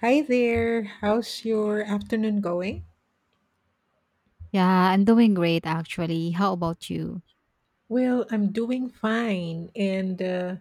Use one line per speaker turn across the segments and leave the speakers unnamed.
Hi there. How's your afternoon going?
Yeah, I'm doing great actually. How about you?
I'm doing fine, and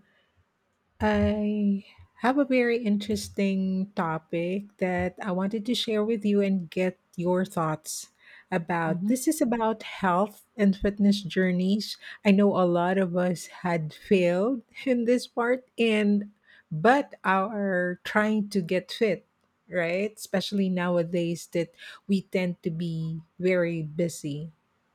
I have a very interesting topic that I wanted to share with you and get your thoughts about.
Hmm.
This is about health and fitness journeys. I know a lot of us had failed in this part and but are trying to get fit, right? Especially nowadays that we tend to be very busy,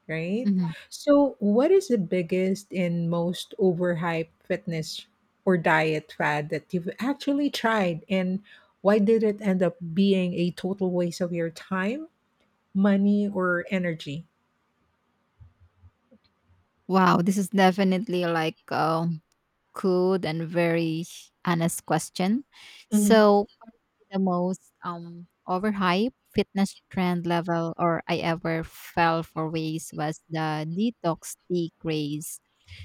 right?
Hmm.
So, what is the biggest and most overhyped fitness or diet fad that you've actually tried, and why did it end up being a total waste of your time, money, or energy?
Wow, this is definitely like good and very honest question.
Mhm.
So for me, the most overhyped fitness trend level or I ever fell for ways was the detox tea craze.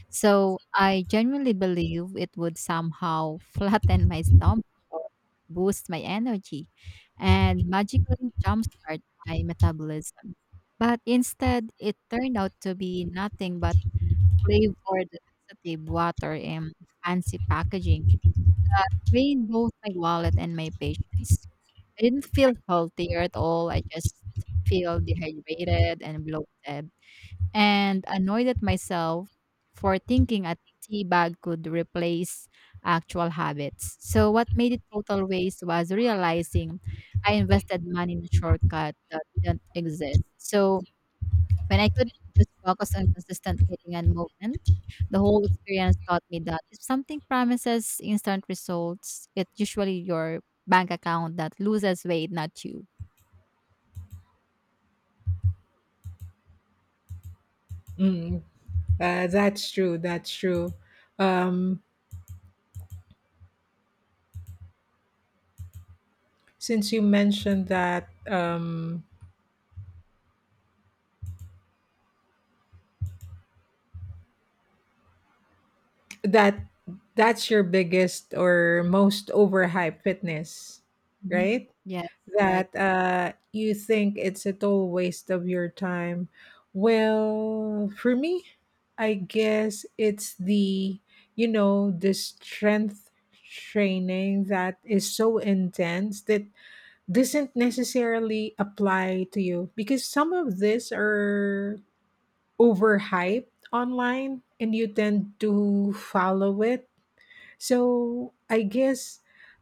So I genuinely believe it would somehow flatten my stomach or boost my energy and magically jumpstart my metabolism. But instead, it turned out to be nothing but flavored laxative water in fancy packaging, drained both my wallet and my patience. I didn't feel healthier at all. I just feel dehydrated and bloated and annoyed at myself for thinking a tea bag could replace actual habits. So, what made it total waste was realizing I invested money in a shortcut that didn't exist. So, when I could just focus on consistent eating and movement, the whole experience taught me that if something promises instant results, it's usually your bank account that loses weight, not you.
Mm, that's true. That's true. Um, since you mentioned that that that's your biggest or most overhyped fitness,
Hmm.
right?
Yes, right.
That you think it's a total waste of your time. Well, for me, I guess it's you know, the strength training that is so intense that doesn't necessarily apply to you because some of these are overhyped online and you tend to follow it. So I guess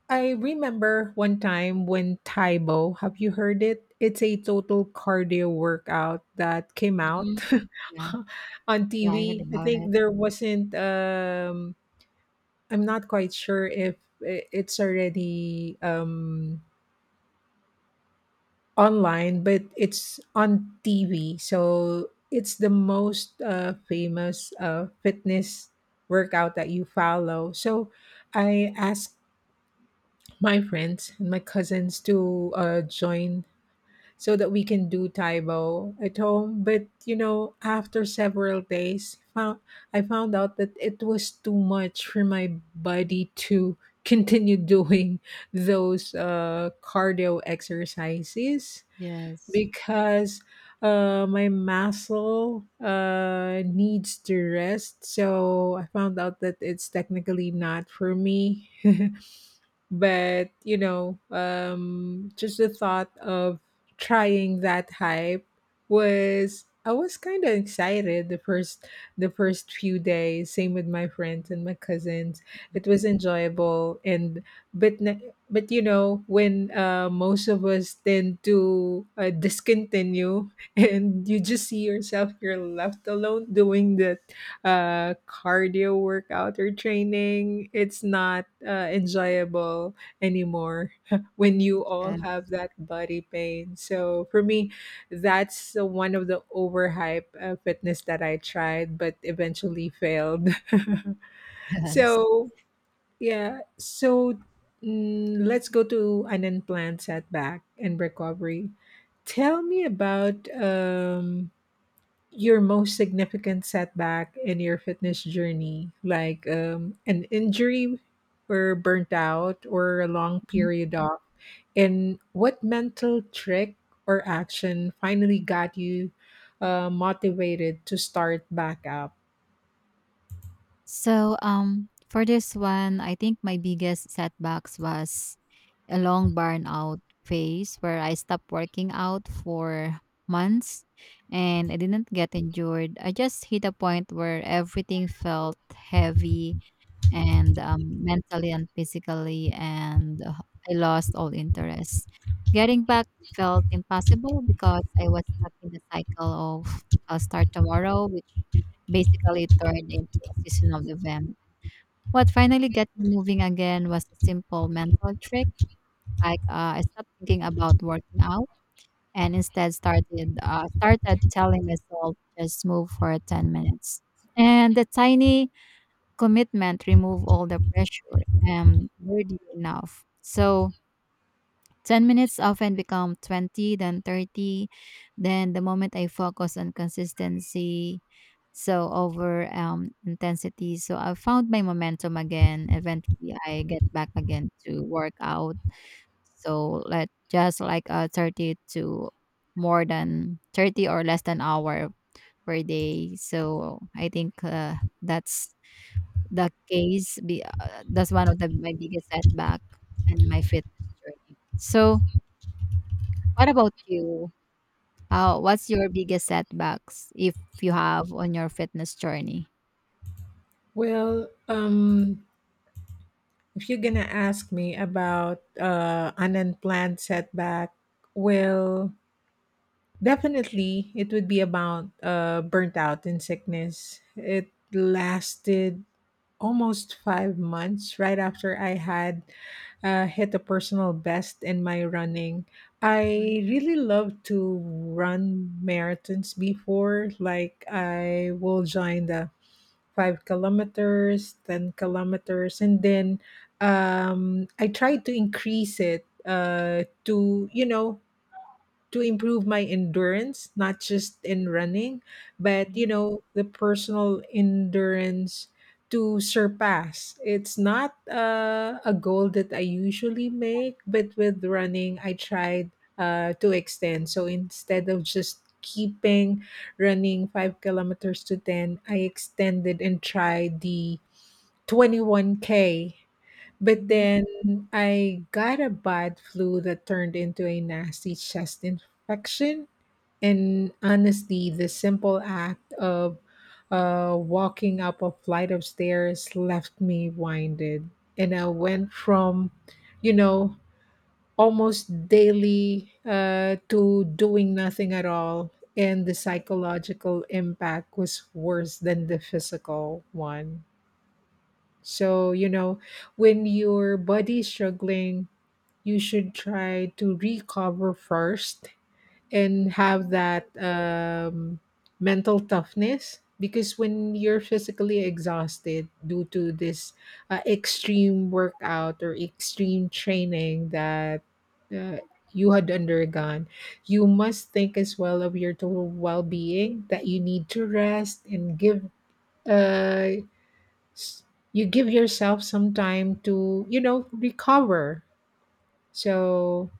I remember one time when Taibo, have you heard it? It's a total cardio workout that came out
Mhm. Yeah,
on
yeah, I heard
TV. I
about
think
it.
there wasn't I'm not quite sure if it's already online, but it's on TV. So it's the most famous fitness workout that you follow. So I asked my friends and my cousins to join so that we can do Taibo at home. But you know, after several days, I found out that it was too much for my body to continue doing those cardio exercises
Yes.
because my muscle needs to rest. So I found out that it's technically not for me. But you know, just the thought of trying that hype was, I was kind of excited the first, few days. Same with my friends and my cousins, it was enjoyable. And but you know, when most of us tend to discontinue, and you just see yourself, you're left alone doing the cardio workout or training, it's not enjoyable anymore when you all
Yes,
have that body pain. So for me, that's the one of the overhype fitness that I tried but eventually failed.
yes.
So yeah, so let's go to an unplanned setback and recovery. Tell me about your most significant setback in your fitness journey, like an injury or burnt out or a long
Mhm.
period off? And what mental trick or action finally got you motivated to start back up?
So, for this one, I think my biggest setbacks was a long burnout phase where I stopped working out for months, and I didn't get injured. I just hit a point where everything felt heavy and mentally and physically, and I lost all interest. Getting back felt impossible because I was stuck in the cycle of I'll start tomorrow, basically it turned into a season of the event. What finally got me moving again was a simple mental trick. I stopped thinking about working out and instead started telling myself just move for 10 minutes. And the tiny commitment removed all the pressure and weirdly enough. So 10 minutes often become 20, then 30. Then the moment I focus on consistency, so over intensity, so I found my momentum again. Eventually, I get back again to work out. So let just like 30 to more than 30 or less than hour per day. So I think that's the case. That's one of my biggest setback and my fitness journey. So what about you? How What's your biggest setbacks if you have on your fitness journey?
Well, if you're gonna ask me about an unplanned setback, well, definitely it would be about burnt out and sickness. It lasted almost 5 months right after I had hit a personal best in my running.
Mhm,
I really love to run marathons before, like I will join the 5 kilometers, 10 kilometers. And then I tried to increase it to, you know, to improve my endurance, not just in running, but you
mhm,
know, the personal endurance to surpass. It's not a goal that I usually make, but with running, I tried to extend. So instead of just keeping running 5 kilometers to 10, I extended and tried the 21K. But
mhm,
then I got a bad flu that turned into a nasty chest infection. And honestly, the simple act of walking up a flight of stairs left me winded. And I went from, you know, almost daily to doing nothing at all. And the psychological impact was worse than the physical one. So, you know, when your body's struggling, you should try to recover first and have that mental toughness. Because when you're physically exhausted due to this extreme workout or extreme training that uh, you had undergone, you must think as well of your total well being that you need to rest and uh give yourself some time to, you know, recover. So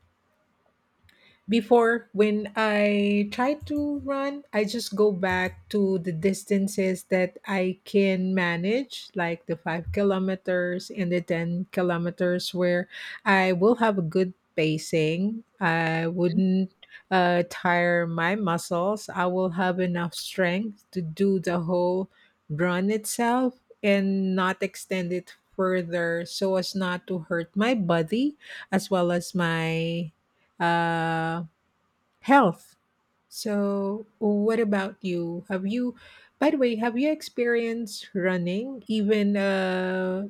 before, when I try to run, I just go back to the distances that I can manage, like the 5 kilometers and the 10 kilometers, where I will have a good pacing. I
mhm.
wouldn't tire my muscles. I will have enough strength to do the whole run itself and not extend it further so as not to hurt my body as well as my uh health. So, what about you? Have you, by the way, have you experienced running, even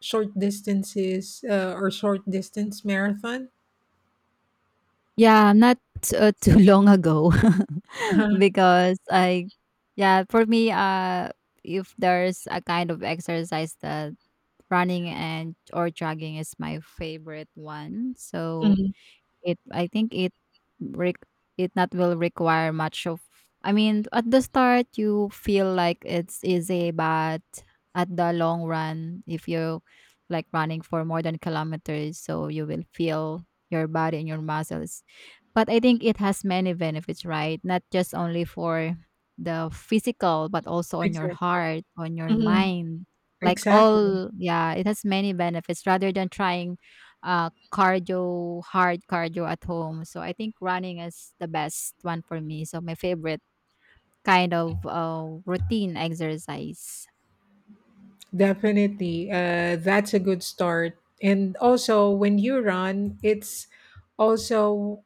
short distances or short distance marathon?
Yeah, not too long ago
Uh-huh.
because I yeah, for me, if there's a kind of exercise that running and or jogging is my favorite one. So
Mhm.
It I think rec it not will require much of I mean, at the start you feel like it's easy, but at the long run, if you like running for more than kilometers, so you will feel your body and your muscles. But I think it has many benefits, right? Not just only for the physical, but also on your
Exactly.
heart, on your
Mhm.
mind. Like
Exactly.
all, yeah, it has many benefits rather than trying cardio, hard cardio at home. So I think running is the best one for me. So my favorite kind of routine exercise.
Definitely. That's a good start. And also, when you run, it's also,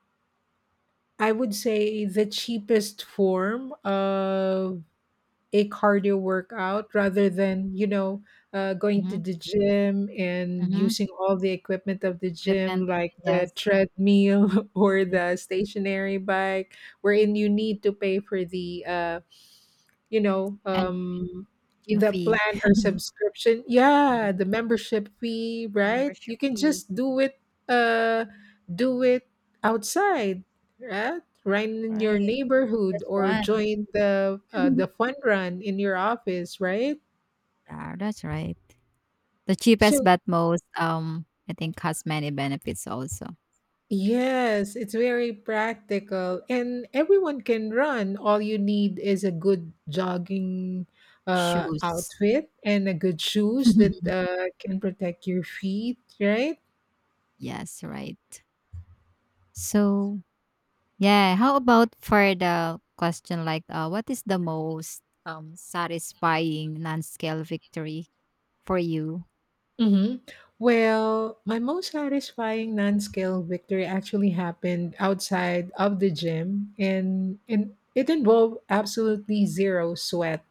I would say, the cheapest form of a cardio workout rather than, you know, going to
Mm-hmm.
the gym and
Mm-hmm.
using all the equipment of the gym
Equipment,
like the
yes,
treadmill or the stationary bike, wherein you need to pay for the you know,
and gym
the
fee,
plan or subscription, yeah,
yeah,
the membership fee, right? You
membership
can
fee,
just do it, uh do it outside, right? Right in your
right?
neighborhood,
Just
or
run.
join the fun run in your office, right?
Yeah, that's right. The cheapest
So
but most I think has many benefits also.
yes, it's very practical and everyone can run. All you need is a good jogging
Shoes.
outfit and a good shoes that can protect your feet, right?
Yes, right. So yeah. How about for the question like, what is the most satisfying non-scale victory for you?
Mm-hmm. Well, my most satisfying non-scale victory actually happened outside of the gym, and it involved absolutely zero sweat.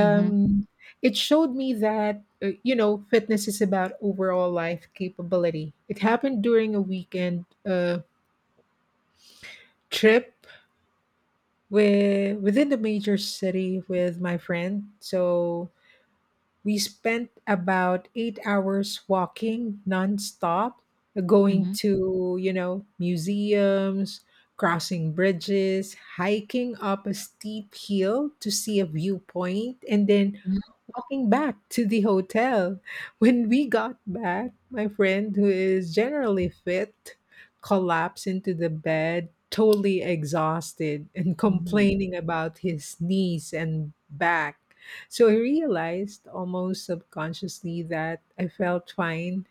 Mm-hmm.
it showed me that, you know, fitness is about overall life capability. It happened during a weekend trip within the major city with my friend. So we spent about 8 hours walking nonstop, going
Mm-hmm.
to, you know, museums, crossing bridges, hiking up a steep hill to see a viewpoint, and then walking back to the hotel. When we got back, my friend, who is generally fit, collapsed into the bed, totally exhausted and
Mm-hmm.
complaining about his knees and back. So I realized almost subconsciously that I felt fine,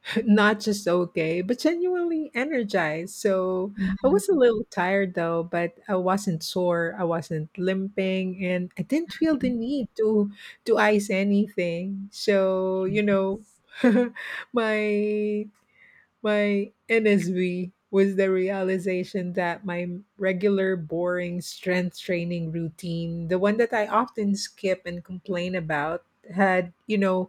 not just okay, but genuinely energized. So I
Mm-hmm.
was a little tired though, but I wasn't sore, I wasn't limping, and I didn't feel the need to ice anything. So, you know,
Yes.
my NSV was the realization that my regular boring strength training routine, the one that I often skip and complain about, had, you know,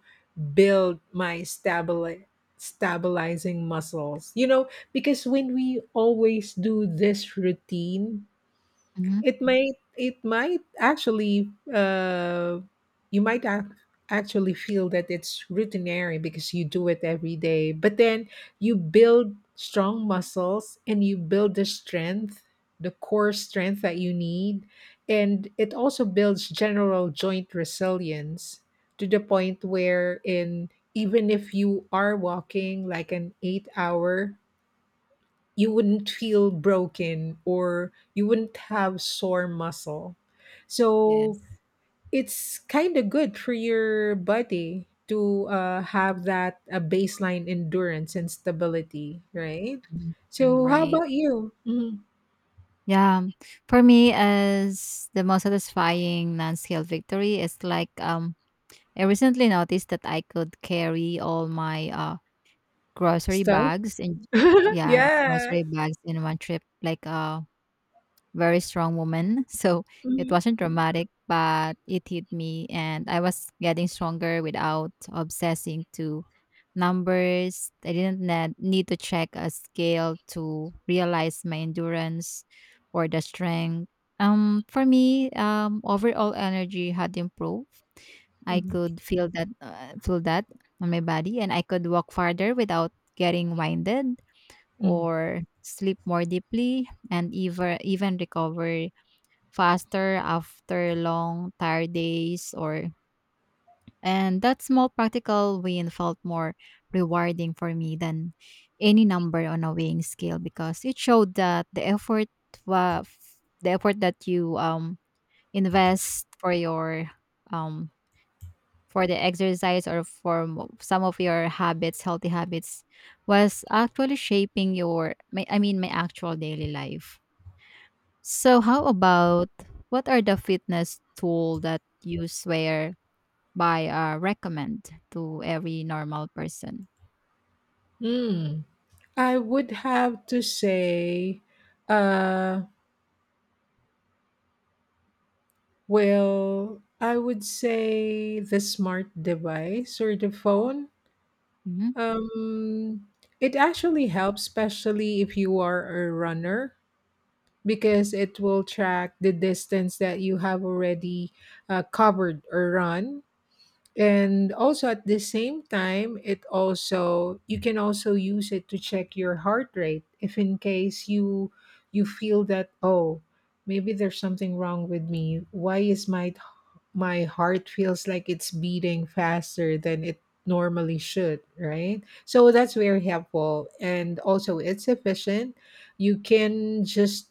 built my stabilizing muscles. You know, because when we always do this routine,
Mm-hmm.
it might actually, you might ac actually feel that it's routinary because you do it every day. But then you build strong muscles and you build the strength, the core strength that you need, and it also builds general joint resilience to the point where in even if you are walking like an 8 hour, you wouldn't feel broken or you wouldn't have sore muscle. So
Yes.
it's kind of good for your body to have that a baseline endurance and stability, right?
Mhm. Mm,
So how
right.
about you? Mhm.
Yeah. For me, as the most satisfying non-scale victory is like I recently noticed that I could carry all my grocery
Stuff?
bags and yeah
Yeah.
grocery bags in one trip like very strong woman. So it
Mhm.
wasn't dramatic, but it hit me. And I was getting stronger without obsessing to numbers. I didn't need to check a scale to realize my endurance or the strength. Overall energy had improved. I
Mhm.
could feel that, feel that on my body, and I could walk farther without getting winded
Mhm.
or sleep more deeply and even recover faster after long tired days or and that small practical win felt more rewarding for me than any number on a weighing scale because it showed that wa- the effort that you invest for your um for the exercise or for some of your habits, healthy habits, was actually shaping your, my, I mean, my actual daily life. So, how about what are the fitness tool that you swear by, recommend to every normal person?
Mm. I would have to say, uh, well, I would say the smart device or the phone.
Hmm.
Um, it actually helps, especially if you are a runner, because it will track the distance that you have already covered or run. And also at the same time, it also, you can also use it to check your heart rate if in case you, you feel that, oh, maybe there's something wrong with me, why is my, my heart feels like it's beating faster than it normally should, right? So that's very helpful. And also, it's efficient. You can just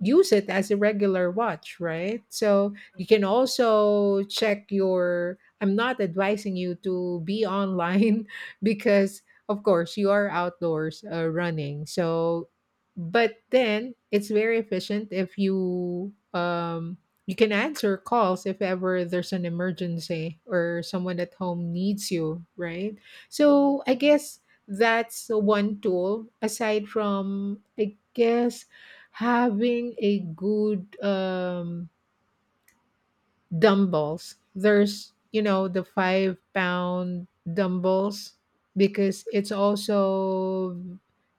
use it as a regular watch, right? So you can also check your. I'm not advising you to be online because, of course, you are outdoors running. So, but then it's very efficient if you you can answer calls if ever there's an emergency or someone at home needs you, right? So I guess that's one tool aside from, I guess, having a good dumbbells. There's, you know, the 5 pound dumbbells because it's also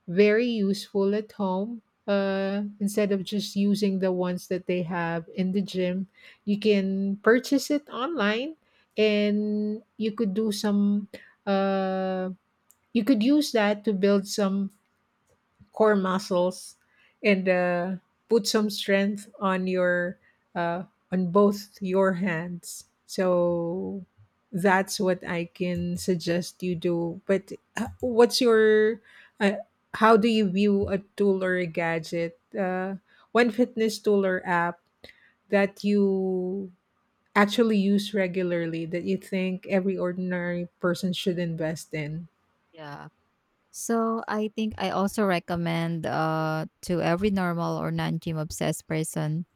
very useful at home. Instead of just using the ones that they have in the gym, you can purchase it online and you could do some, uh, you could use that to build some core muscles and put some strength on your uh, on both your hands. So that's what I can suggest you do. But what's your uh, how do you view a tool or a gadget, one fitness tool or app that you actually use regularly that you think every ordinary person should invest in?
Yeah. So I think I also recommend to every normal or non-gym obsessed person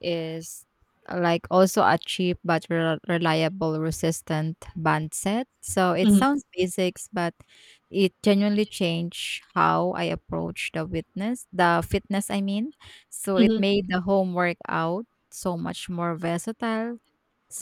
is like also a cheap but reliable resistant band set. So it
Mhm.
sounds basics, but it genuinely changed how I approach the fitness. So it
Mhm.
made the home workout so much more versatile,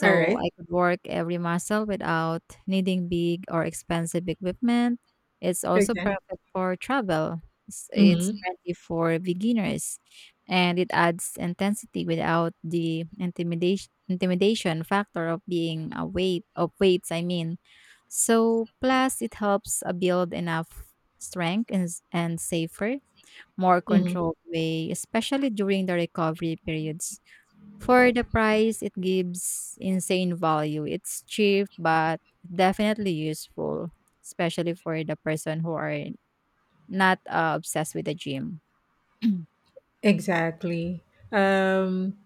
All right.
I could work every muscle without needing big or expensive equipment. It's also
Okay.
perfect for travel. It's
Hmm.
friendly for beginners and it adds intensity without the intimidation factor of being a weight of weights I mean. So plus it helps build enough strength, and safer, more controlled way, especially during the recovery periods. For the price it gives insane value. It's cheap but definitely useful, especially for the person who are not obsessed with the gym.
Exactly. Um,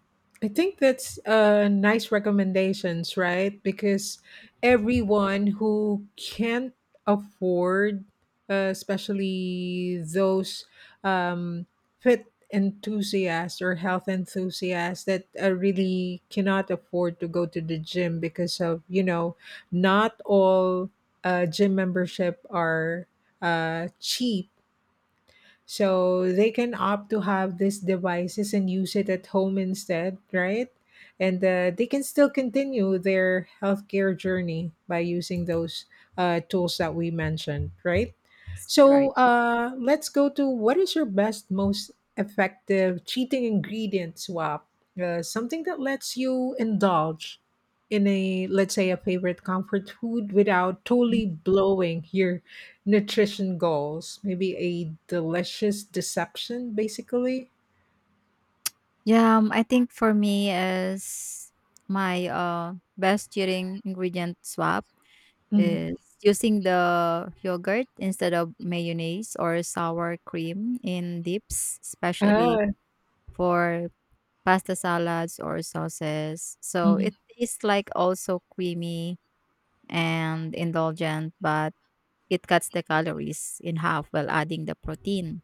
I think that's nice recommendations, right? Because everyone who can't afford, especially those um, fit enthusiasts or health enthusiasts that really cannot afford to go to the gym because of, you know, not all gym membership are cheap, so they can opt to have these devices and use it at home instead, right? And they can still continue their healthcare journey by using those tools that we mentioned, right?
Yes,
So
right.
let's go to, what is your best, most effective cheating ingredient swap? Something that lets you indulge in a, let's say, a favorite comfort food without totally blowing your nutrition goals? Maybe a delicious deception, basically?
Yeah, I think for me is my best cheering ingredient swap
Mhm.
is using the yogurt instead of mayonnaise or sour cream in dips, especially
Ah,
for pasta salads or sauces. So
mhm.
it tastes like also creamy and indulgent, but it cuts the calories in half while adding the protein.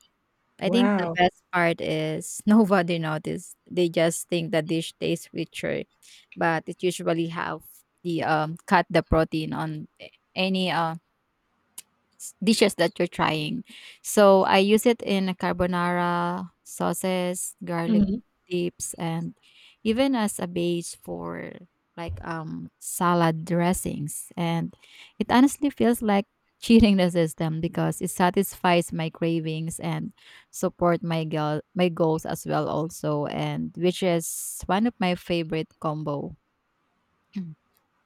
I think the
Wow.
best part is nobody noticed. They just think the dish tastes richer, but it usually have the cut the protein on any dishes that you're trying. So I use it in a carbonara, sauces, garlic
Mhm.
dips, and even as a base for salad dressings. And it honestly feels like cheating the system because it satisfies my cravings and support my goals as well also and which is one of my favorite combo.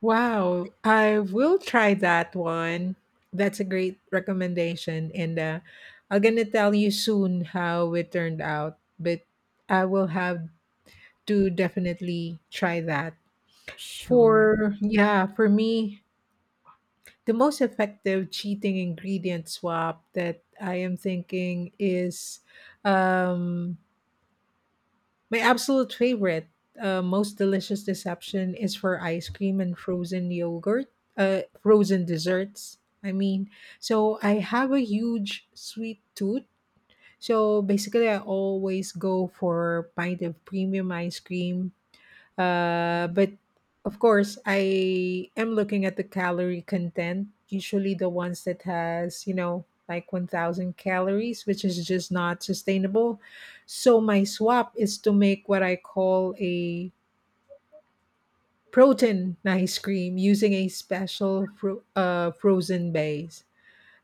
Wow, I will try that one. That's a great recommendation, and, I'm gonna tell you soon how it turned out, but I will have to definitely try that.
Sure.
For yeah, for me, the most effective cheating ingredient swap that I am thinking is um, my absolute favorite, most delicious deception is for ice cream and frozen yogurt, frozen desserts. I mean, so I have a huge sweet tooth. So basically, I always go for a pint of premium ice cream, but of course, I am looking at the calorie content, usually the ones that has, you know, like 1,000 calories, which is just not sustainable. So my swap is to make what I call a protein ice cream using a special frozen base.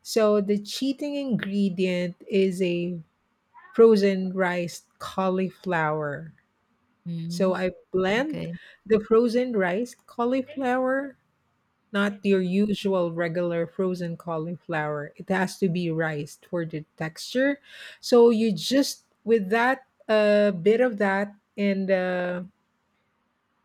So the cheating ingredient is a frozen rice cauliflower. So
Mhm.
I blend
Okay.
the frozen rice cauliflower, not your usual regular frozen cauliflower. It has to be riced for the texture. So you just with that a bit of that, and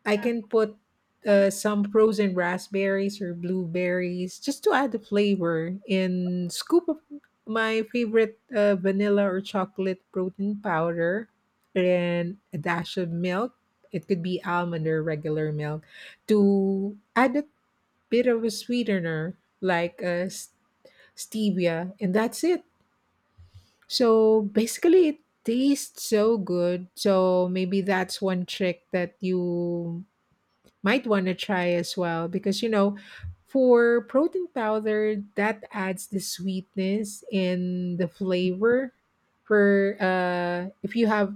I can put some frozen raspberries or blueberries just to add the flavor, and scoop up my favorite vanilla or chocolate protein powder and a dash of milk. It could be almond or regular milk, to add a bit of a sweetener like stevia, and that's it. So basically, it tastes so good. So maybe that's one trick that you might want to try as well, because you know, for protein powder that adds the sweetness and the flavor, for if you have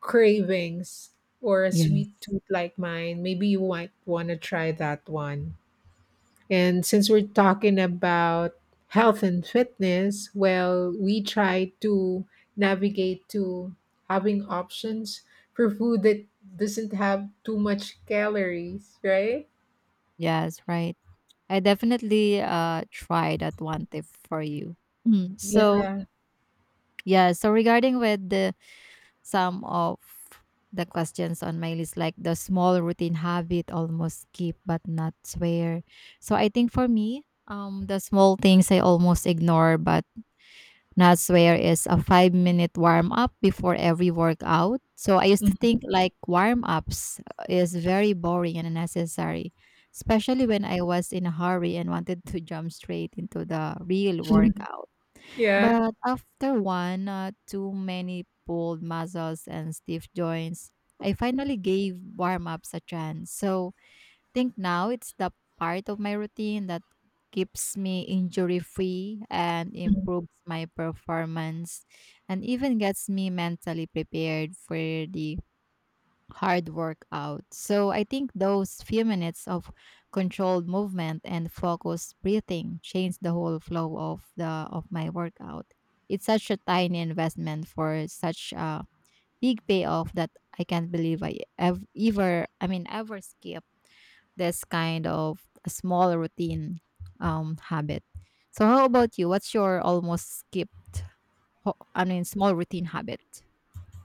cravings or a
Yes.
sweet tooth like mine, maybe you might want to try that one. And since we're talking about health and fitness, well, we try to navigate to having options for food that doesn't have too much calories, right?
Yes, right. I definitely try that one tip for you. Mm, so
Yeah.
yeah, so regarding with the some of the questions on my list, like the small routine habit, almost skip but not swear. So I think for me, the small things I almost ignore, but Naswear is a 5-minute warm up before every workout. So I used to think like warm ups is very boring and unnecessary, especially when I was in a hurry and wanted to jump straight into the real
Mhm.
workout.
Yeah.
But after one, too many pulled muscles and stiff joints, I finally gave warm ups a chance. So think now it's the part of my routine that keeps me injury free and
Mhm.
improves my performance and even gets me mentally prepared for the hard workout. So I think those few minutes of controlled movement and focused breathing change the whole flow of the of my workout. It's such a tiny investment for such a big payoff that I can't believe I ever, ever I mean ever skip this kind of a small routine habit. So how about you? What's your almost skipped? Small routine habit.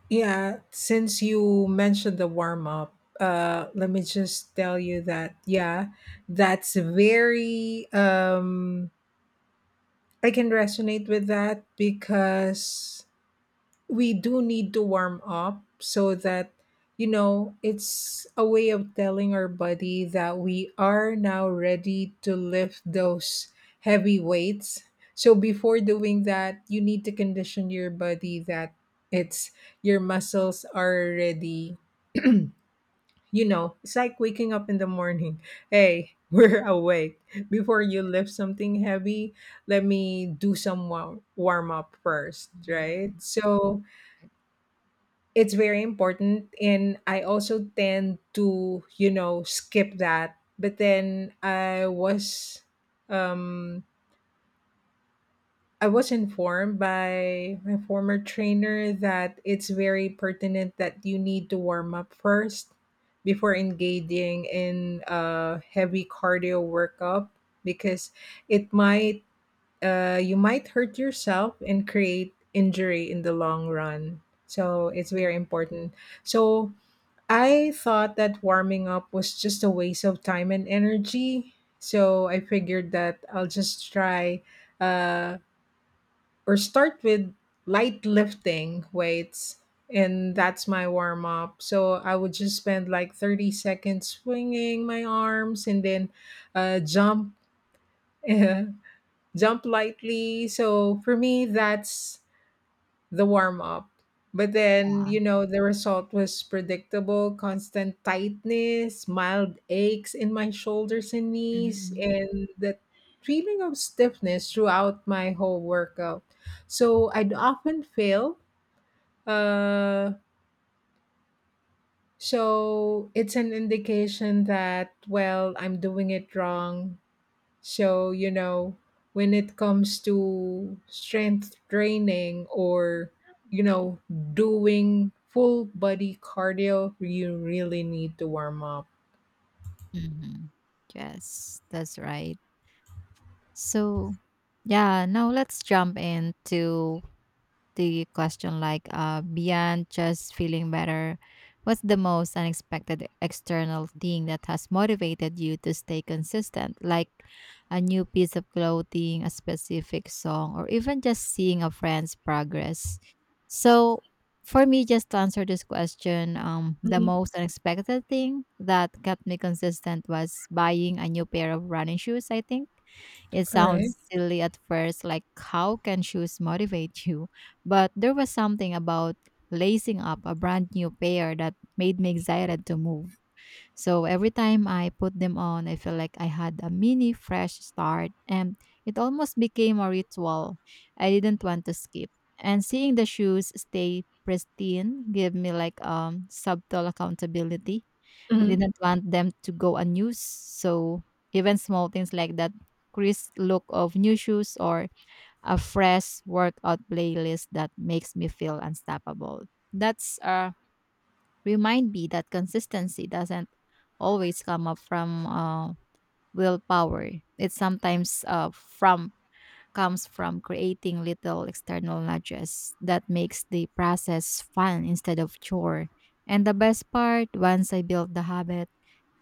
Yeah. Since you mentioned the warm up, let me just tell you that, yeah, that's very, I can resonate with that, because we do need to warm up, so that you know it's a way of telling our body that we are now ready to lift those heavy weights. So before doing that, you need to condition your body that it's your muscles are ready. You know, it's like waking up in the morning, hey, we're awake, before you lift something heavy, let me do some warm up first,
Mhm.
right? So
Right.
it's very important, and I also tend to, you know, skip that. But then um I was informed by my former trainer that it's very pertinent that you need to warm up first before engaging in a heavy cardio workup, because it might you might hurt yourself and create injury in the long run. So it's very important. So I thought that warming up was just a waste of time and energy. So I figured that I'll just try uh, or start with light lifting weights. And that's my warm up. So I would just spend like 30 seconds swinging my arms, and then jump, jump lightly. So for me, that's the warm up. But then,
Yeah.
you know, the result was predictable: constant tightness, mild aches in my shoulders and knees,
Mm-hmm.
and that feeling of stiffness throughout my whole workout. So I'd often fail. Uh, so it's an indication that, well, I'm doing it wrong. So, you know, when it comes to strength training, or, you know, doing full body cardio, you really need to warm up.
Hmm. Yes, that's right. So, yeah, now let's jump into the question like, beyond just feeling better what's the most unexpected external thing that has motivated you to stay consistent, like a new piece of clothing, a specific song, or even just seeing a friend's progress. So for me, just to answer this question, the
Mhm.
most unexpected thing that kept me consistent was buying a new pair of running shoes. I think it
Correct.
sounds silly at first, like how can shoes motivate you? But there was something about lacing up a brand new pair that made me excited to move. So every time I put them on, I feel like I had a mini fresh start and it almost became a ritual I didn't want to skip. And seeing the shoes stay pristine gave me subtle accountability. I
Mhm.
didn't want them to go unused, so even small things like that crisp look of new shoes or a fresh workout playlist that makes me feel unstoppable. That's remind me that consistency doesn't always come up from willpower. It sometimes from comes from creating little external nudges that makes the process fun instead of chore. And the best part, once I built the habit,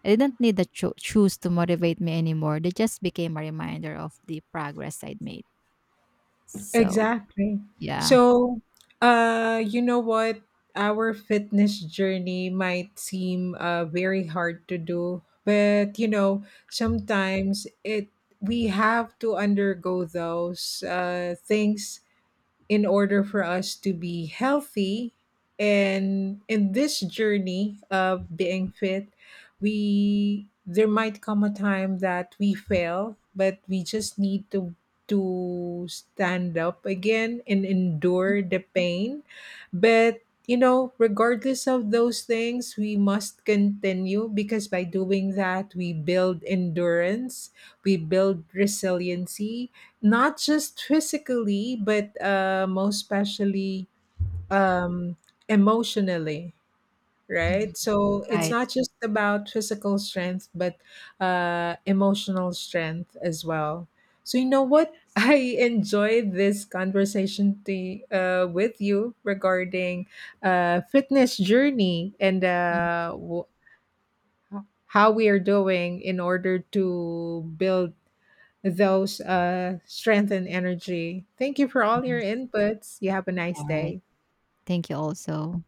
I didn't need the shoes to motivate me anymore. They just became a reminder of the progress I'd made. So,
Exactly.
yeah.
So, you know what? Our fitness journey might seem very hard to do, but you know, sometimes it we have to undergo those things in order for us to be healthy. And in this journey of being fit, we there might come a time that we fail, but we just need to stand up again and endure the pain. But you know, regardless of those things, we must continue, because by doing that we build endurance, we build resiliency, not just physically but most especially um, emotionally,
Mhm.
right? So it's
Right.
not just about physical strength but emotional strength as well. So you know what,
Yes.
I enjoyed this conversation to, with you regarding fitness journey and
Mhm.
how we are doing in order to build those strength and energy. Thank you for all your
Yes.
inputs. You have a nice
All right.
day.
Thank you also.